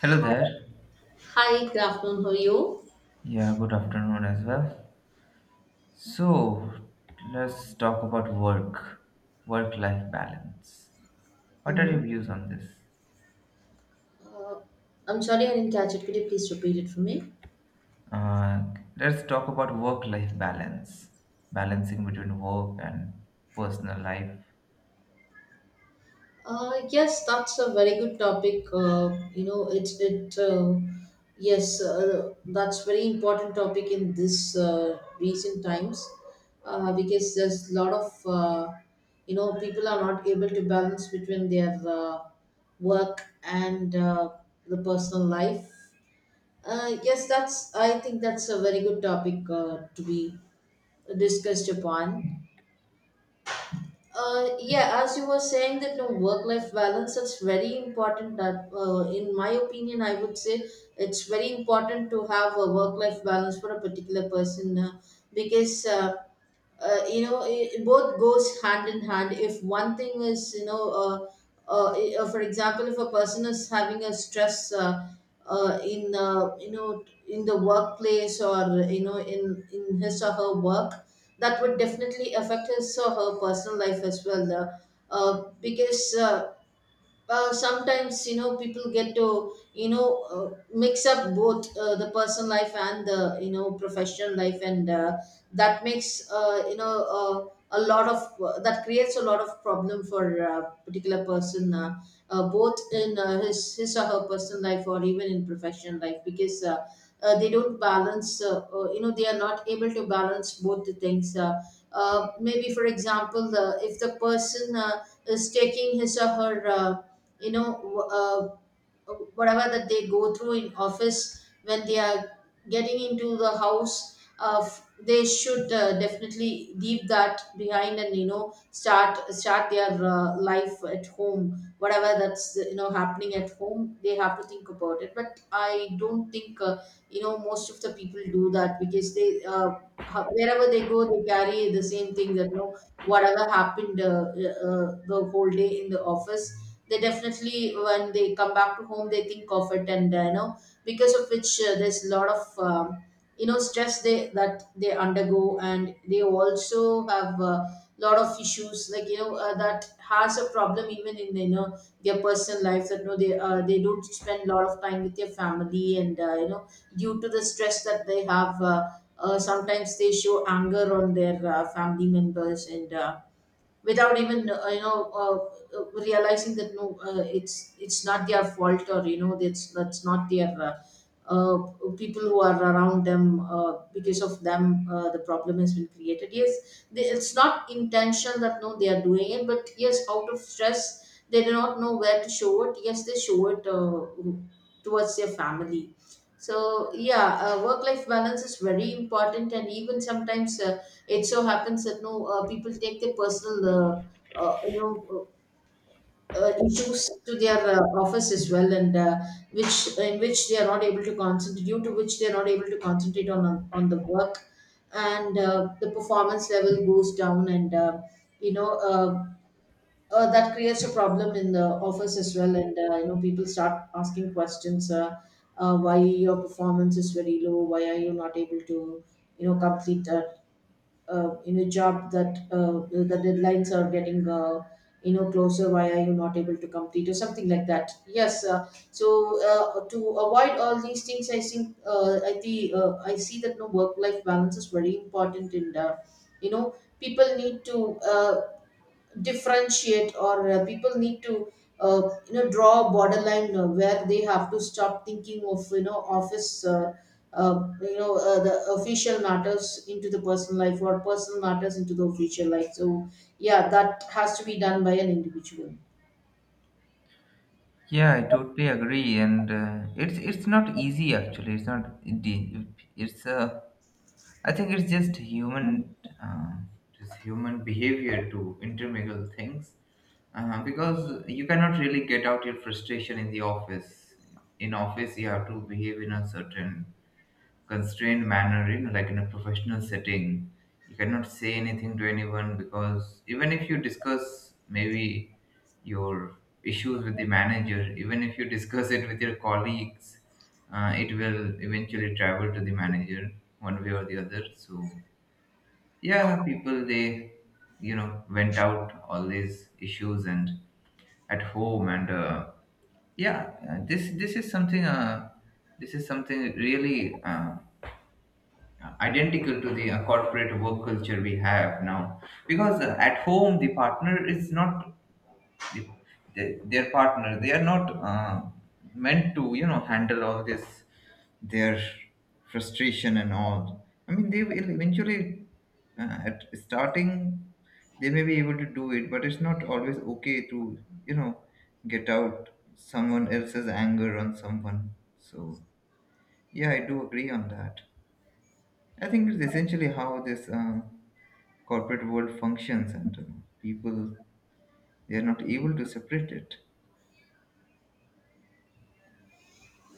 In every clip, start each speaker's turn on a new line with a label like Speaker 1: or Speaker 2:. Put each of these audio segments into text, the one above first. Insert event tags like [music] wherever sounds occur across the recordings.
Speaker 1: Hello there.
Speaker 2: Hi, good afternoon. How are you?
Speaker 1: Yeah, good afternoon as well. So, let's talk about work, work life balance. What are your
Speaker 2: hmm
Speaker 1: views on this?
Speaker 2: Uh, I'm sorry I didn't catch it. Could you please repeat it for me?
Speaker 1: Uh, let's talk about work life balance, balancing between work and personal life.
Speaker 2: Yes, that's a very good topic. You know, it's it. Yes, that's very important topic in this recent times because there's a lot of people are not able to balance between their work and the personal life. Yes, that's. I think that's a very good topic to be discussed upon. Yeah, as you were saying that no, work-life balance is very important. That, in my opinion, I would say it's very important to have a work-life balance for a particular person because. You know it, it both goes hand in hand if one thing is for example, if a person is having a stress in in the workplace or in his or her work, that would definitely affect his or her personal life as well, because well sometimes people get to mix up both the personal life and the professional life, and that makes you know uh, a lot of that creates a lot of problem for a particular person, both in his or her personal life or even in professional life, because they don't balance they are not able to balance both the things. Maybe for example, if the person is taking his or her you know w- uh, whatever that they go through in office, when they are getting into the house, they should definitely leave that behind, and start their life at home. Whatever that's happening at home, they have to think about it. But I don't think most of the people do that, because they wherever they go, they carry the same thing, that whatever happened, the whole day in the office, they definitely, when they come back to home, they think of it. And because of which there's a lot of stress they that they undergo, and they also have a lot of issues, like that has a problem even in their personal life, that they don't spend a lot of time with their family. And due to the stress that they have, sometimes they show anger on their family members, and without even realizing that no, it's not their fault, or that's not their, uh, people who are around them, because of them the problem has been created. Yes, they, it's not intention that no, they are doing it, but yes, out of stress, they do not know where to show it. Yes, they show it towards their family. So yeah, work life balance is very important. And even sometimes it so happens that no, people take their personal uh, uh, you know issues to their office as well. And which, in which they are not able to concentrate, due to which they are not able to concentrate on the work, and the performance level goes down. And you know uh, that creates a problem in the office as well. And people start asking questions. Why your performance is very low, why are you not able to complete a, in a job that, the deadlines are getting closer, why are you not able to complete, or something like that. Yes, so to avoid all these things, I think, I see that no, work life balance is very important. And you know people need to differentiate, or people need to uh, draw a borderline where they have to stop thinking of, office the official matters into the personal life or personal matters into the official life. So yeah, that has to be done by an individual.
Speaker 1: Yeah, I totally agree, and it's not easy actually. It's not. It's I think it's just human, uh, just human behavior to intermingle things. Because you cannot really get out your frustration in the office. In office, you have to behave in a certain constrained manner, you know, like in a professional setting. You cannot say anything to anyone because even if you discuss maybe your issues with the manager, even if you discuss it with your colleagues, it will eventually travel to the manager one way or the other. So yeah, people they you know went out all these issues and at home, and yeah, this is something this is something really identical to the corporate work culture we have now, because at home the partner is not the- their partner, they are not uh, meant to, you know, handle all this, their frustration and all. I mean, they will eventually at starting they may be able to do it, but it's not always okay to, you know, get out someone else's anger on someone. So yeah, I do agree on that. I think it's essentially how this corporate world functions, and people, they are not able to separate it.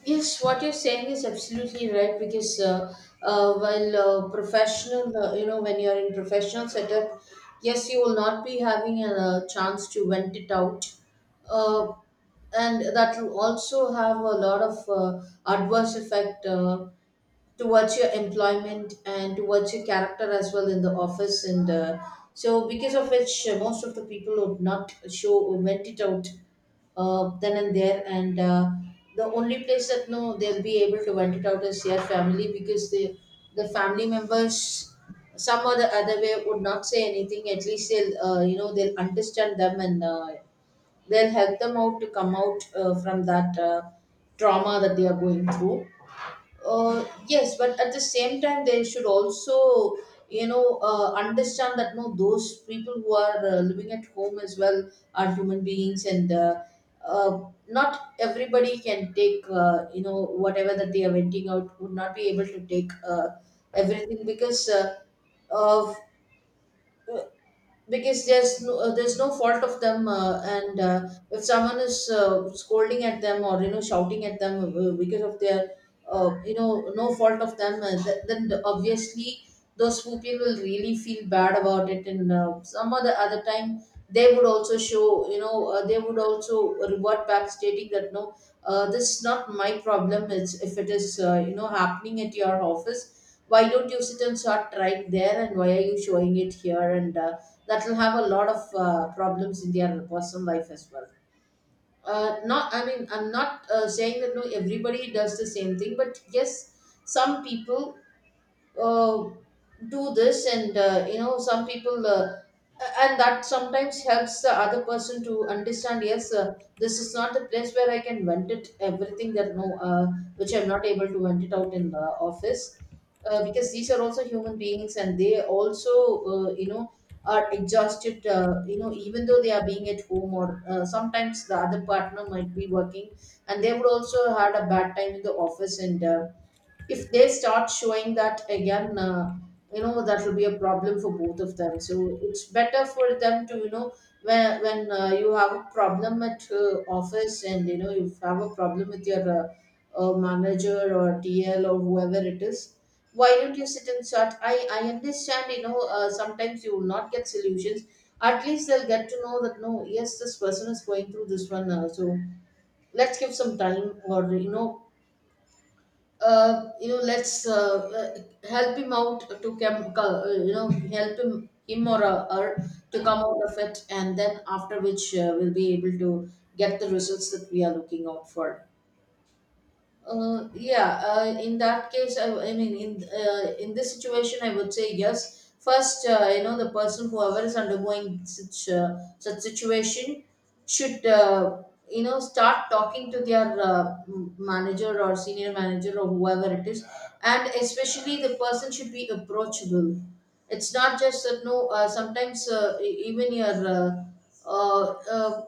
Speaker 2: Yes, what you're saying is absolutely right, because while professional, when you're in professional setup, yes, you will not be having a, chance to vent it out. Uh, and that will also have a lot of adverse effect towards your employment and towards your character as well in the office. And so because of which most of the people would not show or vent it out then and there. And the only place that no, they'll be able to vent it out is their family, because the family members, some or the other way, would not say anything. At least they'll they'll understand them, and they'll help them out to come out from that trauma that they are going through. Yes, but at the same time, they should also understand that no, those people who are living at home as well are human beings. And uh, not everybody can take, whatever that they are venting out, would not be able to take everything, uh, because there's no fault of them. Uh, and if someone is scolding at them or shouting at them because of their, no fault of them, then obviously those people will really feel bad about it. And some other time they would also show, they would also revert back stating that no, this is not my problem, it's, if it is happening at your office, why don't you sit and start trying there, and why are you showing it here? And that will have a lot of problems in their personal life as well. Not, I mean, I'm not saying that no, everybody does the same thing, but yes, some people uh, do this. And some people and that sometimes helps the other person to understand. Yes, this is not the place where I can vent it everything, that no, which I'm not able to vent it out in the office, because these are also human beings, and they also, uh, you know are exhausted, even though they are being at home, or sometimes the other partner might be working, and they would also had a bad time in the office. And if they start showing that again, that will be a problem for both of them. So it's better for them to when you have a problem at office and you have a problem with your manager or TL or whoever it is, why don't you sit and chat? I understand, sometimes you will not get solutions. At least they'll get to know that no, yes, this person is going through this one. So let's give some time, or let's help him out to come, help him or her to come out of it. And then after which we'll be able to get the results that we are looking out for. Yeah, in that case, I mean, in this situation, I would say yes. First, the person, whoever is undergoing such such situation, should start talking to their manager or senior manager or whoever it is, and especially the person should be approachable. It's not just that no. Sometimes even your uh, uh, uh,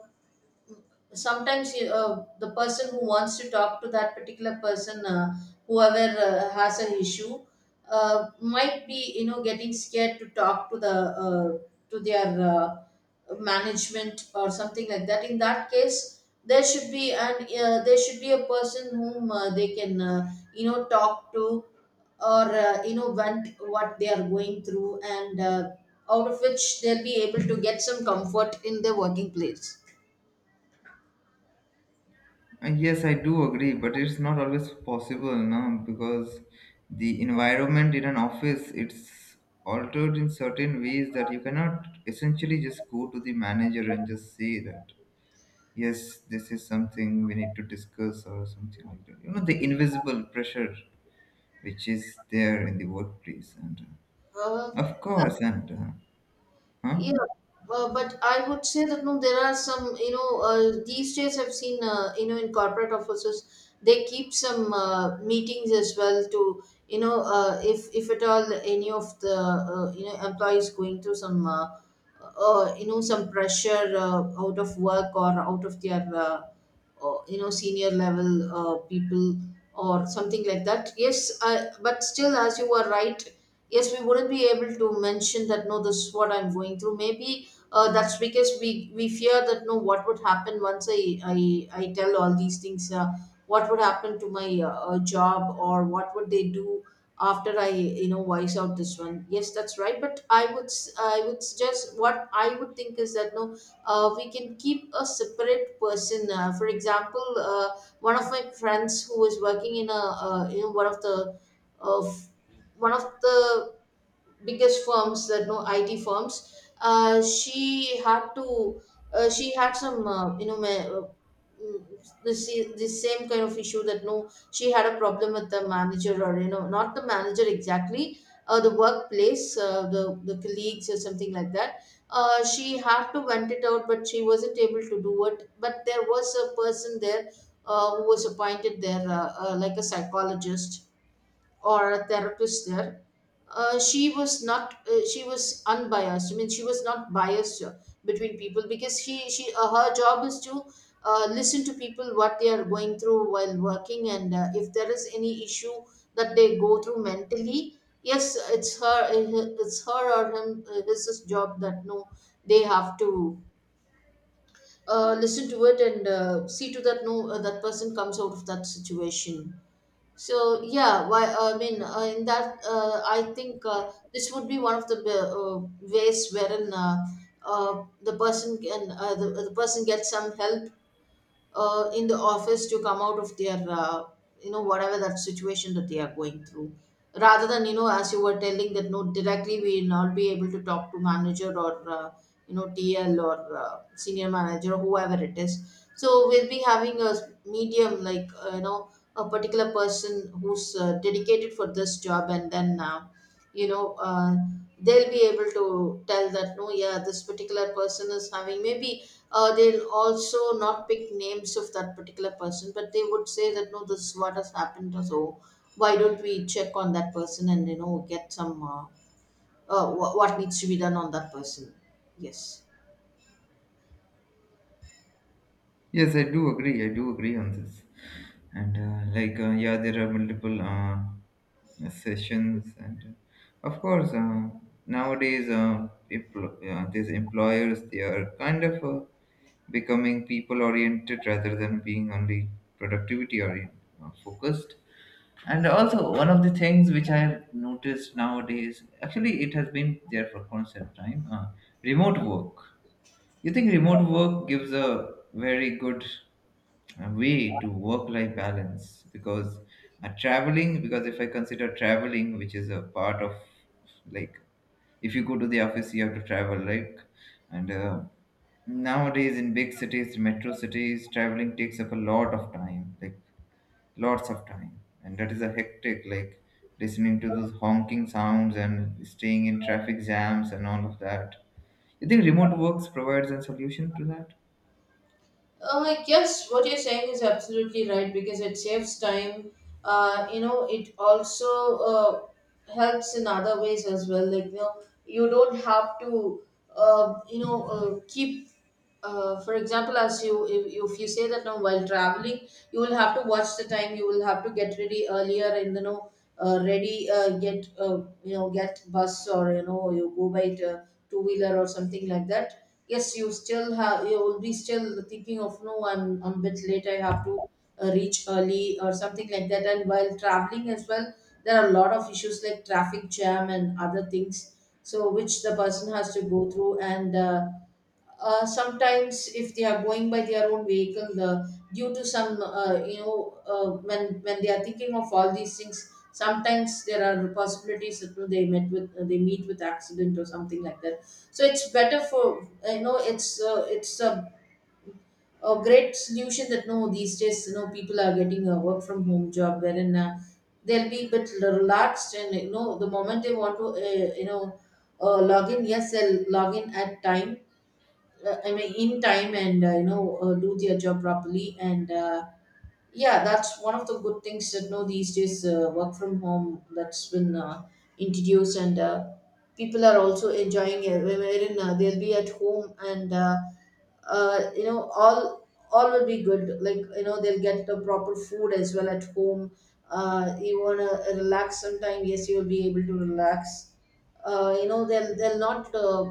Speaker 2: sometimes the person who wants to talk to that particular person whoever has an issue might be getting scared to talk to the uh, to their management or something like that. In that case there should be an there should be a person whom they can talk to or vent what they are going through, and out of which they'll be able to get some comfort in their working place.
Speaker 1: Yes, I do agree, but it's not always possible, no, because the environment in an office, it's altered in certain ways that you cannot essentially just go to the manager and just say that yes, this is something we need to discuss or something like that. You know, the invisible pressure which is there in the workplace, and
Speaker 2: uh,
Speaker 1: of course, and huh?
Speaker 2: Yeah, but I would say that no, there are some, these days I've seen, in corporate offices, they keep some meetings as well to, if at all any of the, employees going through some, some pressure out of work or out of their, senior level people or something like that. Yes, I, but still, as you were right, yes, we wouldn't be able to mention that no, this is what I'm going through. Maybe that's because we fear that no, what would happen once I tell all these things. What would happen to my job, or what would they do after I voice out this one? Yes, that's right. But I would I would suggest, what I would think is that no, we can keep a separate person. For example, uh, one of my friends who is working in a uh, you know one of the uh, one of the biggest firms, that no, IT firms. She had to she had some mm, this this same kind of issue, that no, she had a problem with the manager, or not the manager exactly. The workplace, the colleagues or something like that. She had to vent it out, but she wasn't able to do it. But there was a person there who was appointed there, like a psychologist or a therapist there. She was not she was unbiased. I mean, she was not biased between people, because she her job is to listen to people, what they are going through while working, and if there is any issue that they go through mentally. Yes, it's her, it's her or him. This is job, that no, they have to listen to it, and see to that no, that person comes out of that situation. So yeah, why I mean in that I think this would be one of the ways wherein the person can the person gets some help in the office to come out of their whatever that situation that they are going through, rather than as you were telling that no, directly we will not be able to talk to manager or uh, TL or senior manager or whoever it is. So we'll be having a medium, like a particular person who's dedicated for this job, and then you know uh, they'll be able to tell that no, yeah, this particular person is having maybe they'll also not pick names of that particular person, but they would say that no, this is what has happened, or so why don't we check on that person and get some what needs to be done on that person? Yes.
Speaker 1: Yes, I do agree. I do agree on this. And yeah, there are multiple sessions, and of course, nowadays, these employers, they are kind of becoming people-oriented rather than being only productivity-oriented, focused. And also, one of the things which I have noticed nowadays, actually, it has been there for quite some time, remote work, you think remote work gives a very good way to work-life balance? Because traveling, because if I consider traveling, which is a part of, like, if you go to the office you have to travel, like, and nowadays in big cities, metro cities, traveling takes up a lot of time, like lots of time, and that is a hectic, like listening to those honking sounds and staying in traffic jams and all of that. You think remote works provides a solution to that?
Speaker 2: Yes, what you're saying is absolutely right, because it saves time. You know, it also helps in other ways as well. Like, you know, you don't have to, you know, keep. For example, as you, if you say that now, while traveling, you will have to watch the time. You will have to get ready earlier and ready get you know, get bus, or you know, you go by two wheeler or something like that. Yes, you still have, you will be still thinking of no, I'm a bit late, I have to reach early or something like that. And while traveling as well, there are a lot of issues like traffic jam and other things, so which the person has to go through. And sometimes if they are going by their own vehicle, due to some when they are thinking of all these things, sometimes there are possibilities that you know, they met with they meet with accident or something like that. So it's better for it's a great solution that no, these days you know people are getting a work from home job, wherein they'll be a bit relaxed, and you know the moment they want to log in, yes, they'll log in at time, I mean, in time, and you know, do their job properly. And yeah, that's one of the good things, that now these days work from home that's been introduced, and people are also enjoying it, wherein they'll be at home and you know all will be good. Like you know, they'll get the proper food as well at home. You wanna relax sometime? Yes, you will be able to relax. You know, they'll not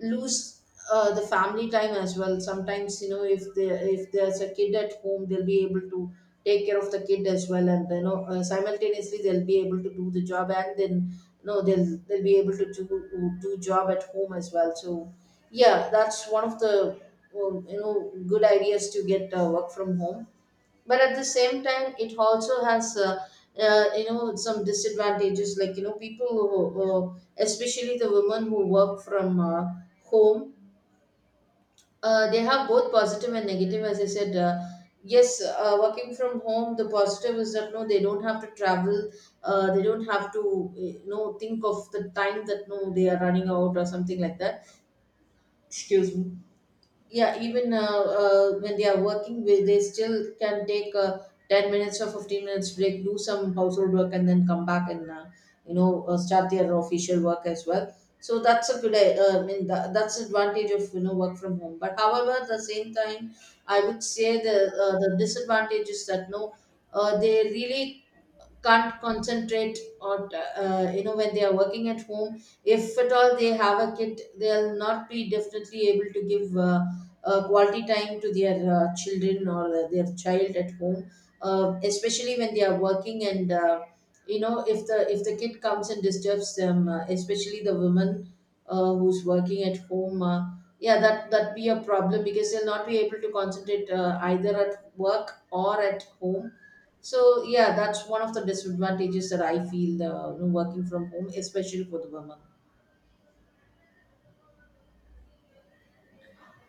Speaker 2: lose the family time as well. Sometimes you know, if there's a kid at home, they'll be able to take care of the kid as well, and you know, simultaneously they'll be able to do the job, and then you know, they'll be able to do job at home as well. So yeah, that's one of the you know, good ideas to get work from home. But at the same time, it also has you know, some disadvantages, like you know, people who, especially the women who work from home, they have both positive and negative. As I said, yes, working from home, the positive is that no, they don't have to travel, they don't have to you know, think of the time that no, they are running out or something like that. Excuse me. Yeah, even when they are working with, they still can take 10 minutes or 15 minutes break, do some household work, and then come back, and you know, start their official work as well. So that's a good I mean, that's the advantage of you know, work from home. But however, at the same time, I would say the disadvantage is that no, they really can't concentrate, or you know, when they are working at home, if at all they have a kid, they'll not be definitely able to give quality time to their children, or their child at home, especially when they are working. And you know, if the kid comes and disturbs them, especially the woman who's working at home, yeah, that be a problem, because they'll not be able to concentrate either at work or at home. So yeah, that's one of the disadvantages that I feel, you know, working from home, especially for the women.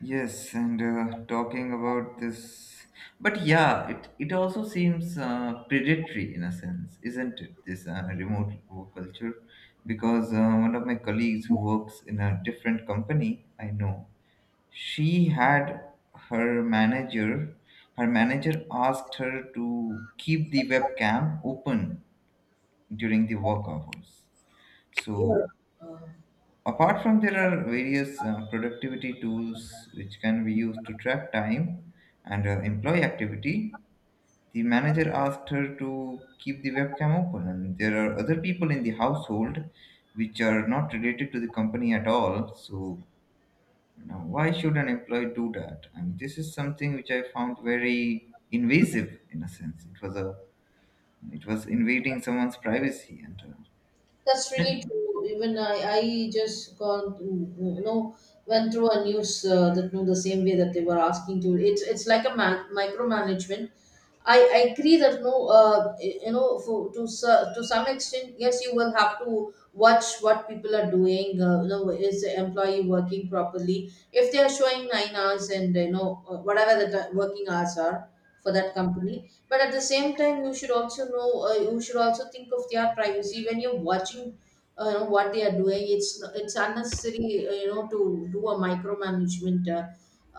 Speaker 1: Yes, and talking about this, but yeah, it also seems predatory in a sense, isn't it? This remote work culture, because one of my colleagues who works in a different company, I know, she had her manager, her manager asked her to keep the webcam open during the work hours.
Speaker 2: Yeah.
Speaker 1: So,
Speaker 2: Uh,
Speaker 1: apart from there are various productivity tools which can be used to track time and employee activity. The manager asked her to keep the webcam open, and there are other people in the household which are not related to the company at all. So, you know, why should an employee do that? And this is something which I found very invasive in a sense. It was a, it was invading someone's privacy, and
Speaker 2: That's
Speaker 1: uh,
Speaker 2: really true. Even I just gone, you know, went through a news, that you know, the same way that they were asking to. It's like a micromanagement. I agree that no, you know, to to some extent, yes, you will have to watch what people are doing. You know, is the employee working properly? If they are showing 9 hours and you know, whatever the working hours are for that company, but at the same time you should also know, you should also think of their privacy when you're watching you know, what they are doing. It's unnecessary you know, to do a micromanagement.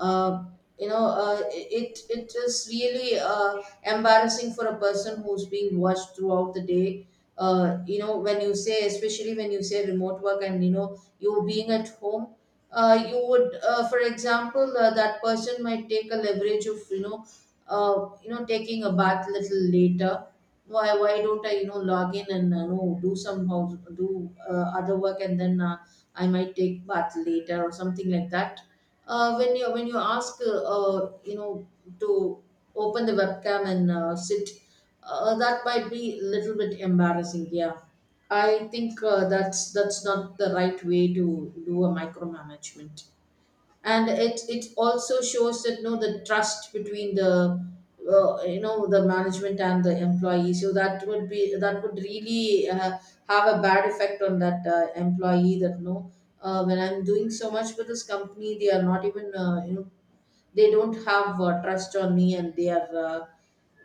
Speaker 2: uh, you know, it is really embarrassing for a person who's being watched throughout the day, you know, when you say, especially when you say remote work, and you know, you being at home, you would for example, that person might take a leverage of you know, you know, taking a bath little later. Why don't I you know, log in, and know, do some house do other work, and then I might take bath later or something like that. When you, when you ask you know, to open the webcam and sit, that might be a little bit embarrassing. Yeah, I think that's not the right way to do a micromanagement. And it also shows that no, the trust between the you know, the management and the employee. So that would be, that would really have a bad effect on that employee, that no, when I'm doing so much for this company, they are not even you know, they don't have trust on me, and they are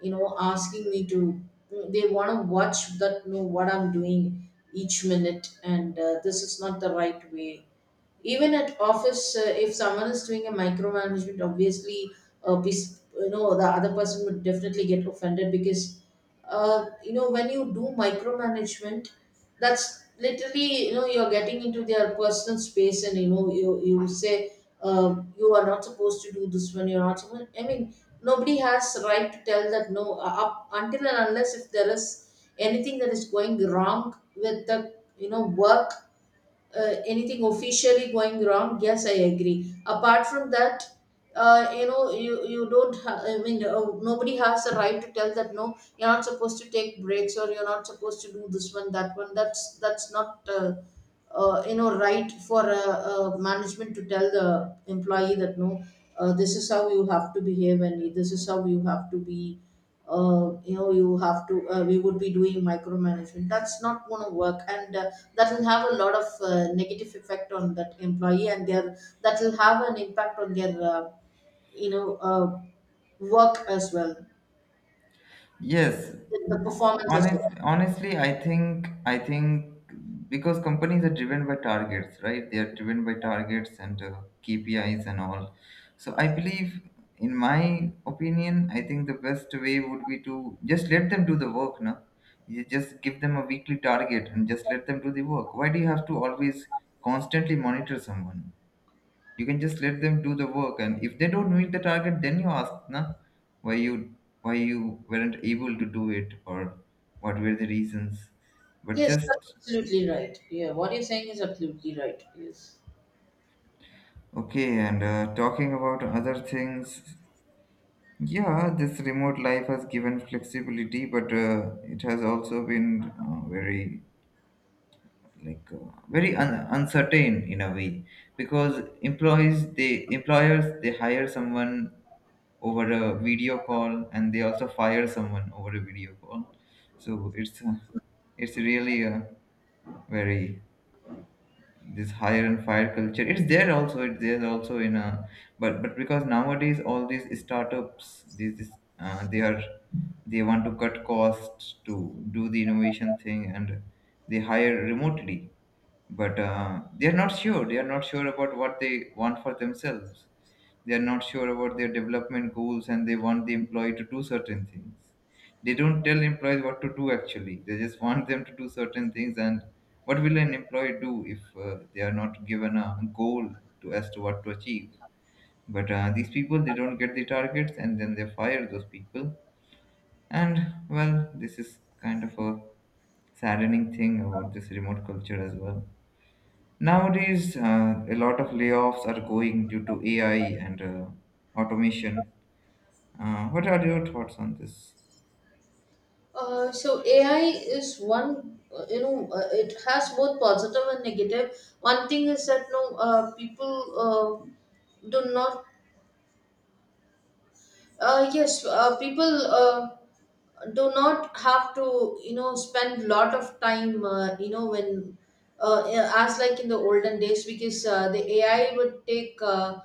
Speaker 2: you know, asking me to, they want to watch that no, what I'm doing each minute. And this is not the right way. Even at office, if someone is doing a micromanagement, obviously, the other person would definitely get offended because when you do micromanagement, that's literally you're getting into their personal space. And you say, you are not supposed to do this one, you're not supposed. I mean, nobody has right to tell that no, up until and unless if there is anything that is going wrong with the work, anything officially going wrong. Yes, I agree. Apart from that, you don't ha- I mean, nobody has the right to tell that no, you're not supposed to take breaks or you're not supposed to do this one, that one. That's not right for a management to tell the employee that no, this is how you have to behave and this is how you have to be. You know you have to We would be doing micromanagement. That's not going to work, and that will have a lot of negative effect on that employee and their. That will have an impact on their you know uh, work as well.
Speaker 1: Yes,
Speaker 2: The performance as well.
Speaker 1: honest, honestly, I think, because companies are driven by targets, right? They are driven by targets and KPIs and all. So I believe, in my opinion, I think the best way would be to just let them do the work, no? You just give them a weekly target and just let them do the work. Why do you have to always constantly monitor someone? You can just let them do the work, and if they don't meet the target, then you ask na, why you why you weren't able to do it, or what were the reasons, but
Speaker 2: Yes,
Speaker 1: just
Speaker 2: that's absolutely right. Yeah, what you're saying is absolutely right. Yes.
Speaker 1: okay. And talking about other things, yeah, this remote life has given flexibility, but it has also been very, like very uncertain in a way, because employees, they employers, they hire someone over a video call, and they also fire someone over a video call. So it's really a very, this hire and fire culture, it's there also, it's there also in a, but, because nowadays all these startups, these, they are, they want to cut costs to do the innovation thing, and they hire remotely, but they are not sure, they are not sure about what they want for themselves, they are not sure about their development goals, and they want the employee to do certain things. They don't tell employees what to do actually, they just want them to do certain things. And what will an employee do if they are not given a goal to as to what to achieve? But these people they don't get the targets, and then they fire those people. And well, this is kind of a saddening thing about this remote culture as well. Nowadays, a lot of layoffs are going due to AI and automation. What are your thoughts on this?
Speaker 2: So AI is one, it has both positive and negative. One thing is that no, people do not. Yes, people do not have to, you know, spend lot of time, when, uh, as like in the olden days, because the AI would take,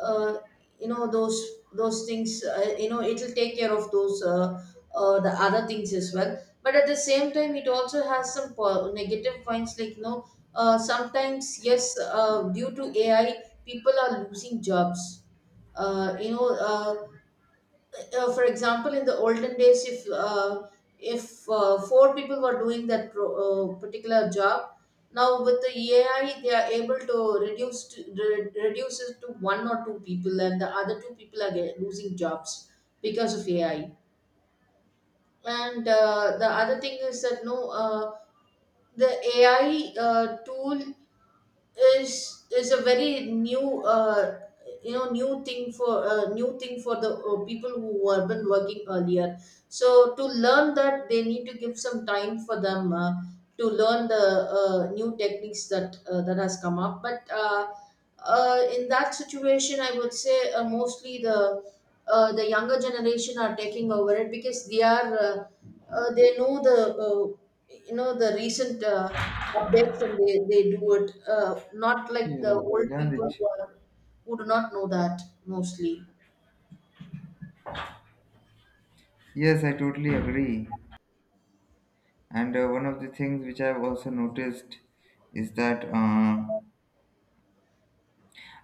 Speaker 2: uh, you know, those those things, it'll take care of those the other things as well. But at the same time, it also has some negative points, like sometimes, yes, due to AI, people are losing jobs. uh, you know, uh, for example, in the olden days, if four people were doing that particular job, now with the AI, they are able to reduce it to one or two people, and the other two people are losing jobs because of AI. And the other thing is that no, the AI tool is a very new, new thing for the people who were been working earlier. So to learn that, they need to give some time for them, to learn the new techniques that has come up. But in that situation I would say, mostly the younger generation are taking over it because they are, they know the uh, the recent updates, and they do it, not like the
Speaker 1: Kira,
Speaker 2: old
Speaker 1: damn
Speaker 2: people
Speaker 1: it.
Speaker 2: who do not know that, mostly.
Speaker 1: Yes, I totally agree. And one of the things which I've also noticed is that uh,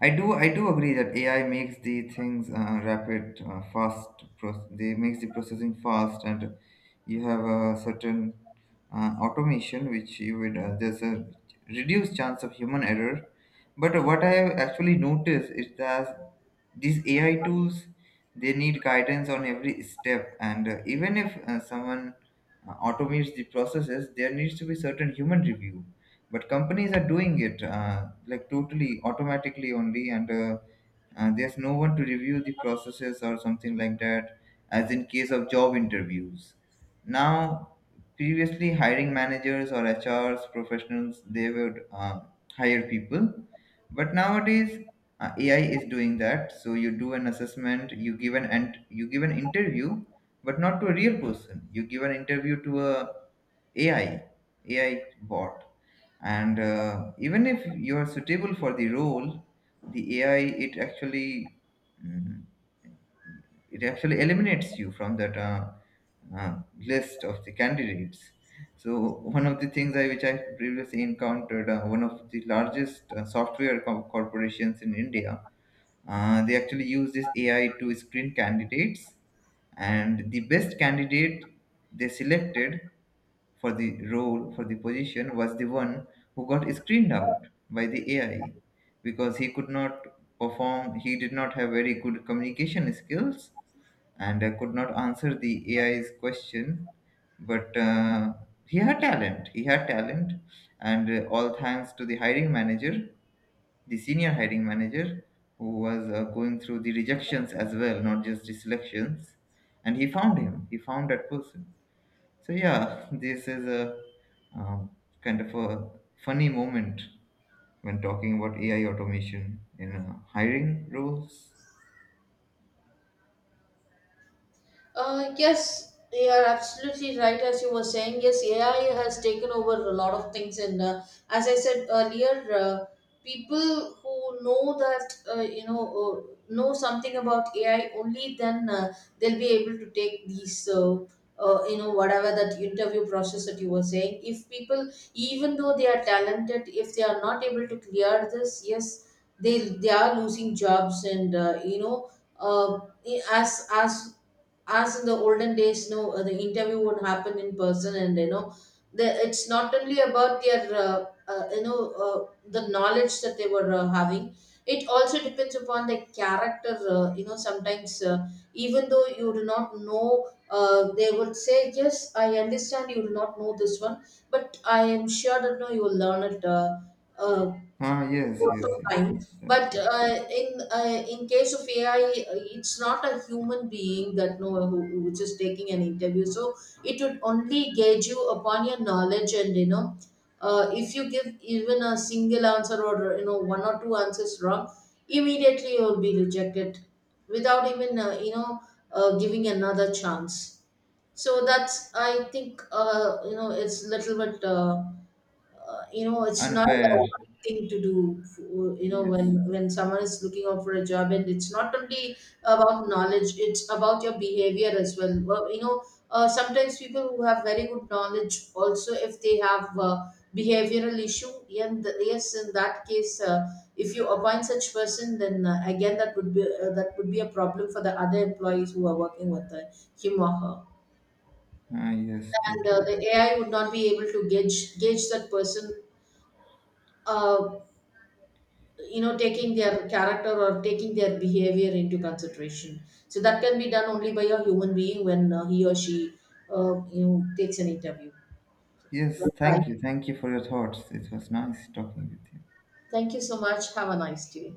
Speaker 1: I do I do agree that AI makes the things rapid, fast. They makes the processing fast, and you have a certain automation which you would, there's a reduced chance of human error. But what I have actually noticed is that these AI tools, they need guidance on every step, and even if someone automates the processes, there needs to be certain human review. But companies are doing it like totally automatically only, and there's no one to review the processes or something like that, as in case of job interviews. Now, previously hiring managers or HRs professionals, they would hire people, but nowadays ai is doing that. So you do an assessment, you give an, and you give an interview, but not to a real person, you give an interview to a ai, ai bot. And even if you are suitable for the role, the ai, it actually, mm, it actually eliminates you from that uh, list of the candidates. So one of the things I which I previously encountered, one of the largest software corporations in India, they actually use this AI to screen candidates, and the best candidate they selected for the role, for the position was the one who got screened out by the AI, because he could not perform, he did not have very good communication skills, and I could not answer the AI's question, but he had talent. He had talent, and all thanks to the hiring manager, the senior hiring manager, who was going through the rejections as well, not just the selections, and he found him. He found that person. So yeah, [laughs] this is a um, kind of a funny moment when talking about AI automation in hiring roles.
Speaker 2: Yes, you are absolutely right. As you were saying, yes, AI has taken over a lot of things, and as I said earlier, people who know that, know something about AI, only then they'll be able to take these. Whatever that interview process that you were saying, if people, even though they are talented, if they are not able to clear this, yes, they are losing jobs. And uh, you know uh, as as as in the olden days, no, the interview would happen in person, and the, it's not only about their the knowledge that they were having. It also depends upon the character. Sometimes, even though you do not know, they would say, yes, I understand you do not know this one, but I am sure that no, you will learn it uh,
Speaker 1: Ah, yes,
Speaker 2: lots
Speaker 1: yes,
Speaker 2: of
Speaker 1: yes.
Speaker 2: time.
Speaker 1: That's
Speaker 2: but
Speaker 1: it.
Speaker 2: uh, in case of AI, it's not a human being that know which is taking an interview. So it would only gauge you upon your knowledge, and if you give even a single answer, or one or two answers wrong, immediately you will be rejected, without even giving another chance. So that's, I think, it's little bit, it's not a
Speaker 1: Unfair,
Speaker 2: right thing to do, when
Speaker 1: yes.
Speaker 2: when someone is looking out for a job. And it's not only about knowledge, it's about your behavior as well. Well, sometimes people who have very good knowledge also, if they have behavioral issue, and yes, in that case, if you appoint such person, then again, that would be a problem for the other employees who are working with him or her.
Speaker 1: Ah, yes,
Speaker 2: And
Speaker 1: totally.
Speaker 2: the AI would not be able to gauge that person, uh, taking their character or taking their behavior into consideration. So that can be done only by a human being when, he or she, takes an interview.
Speaker 1: Yes,
Speaker 2: Right.
Speaker 1: thank you. Thank you for your thoughts. It was nice talking with you.
Speaker 2: Thank you so much. Have a nice day.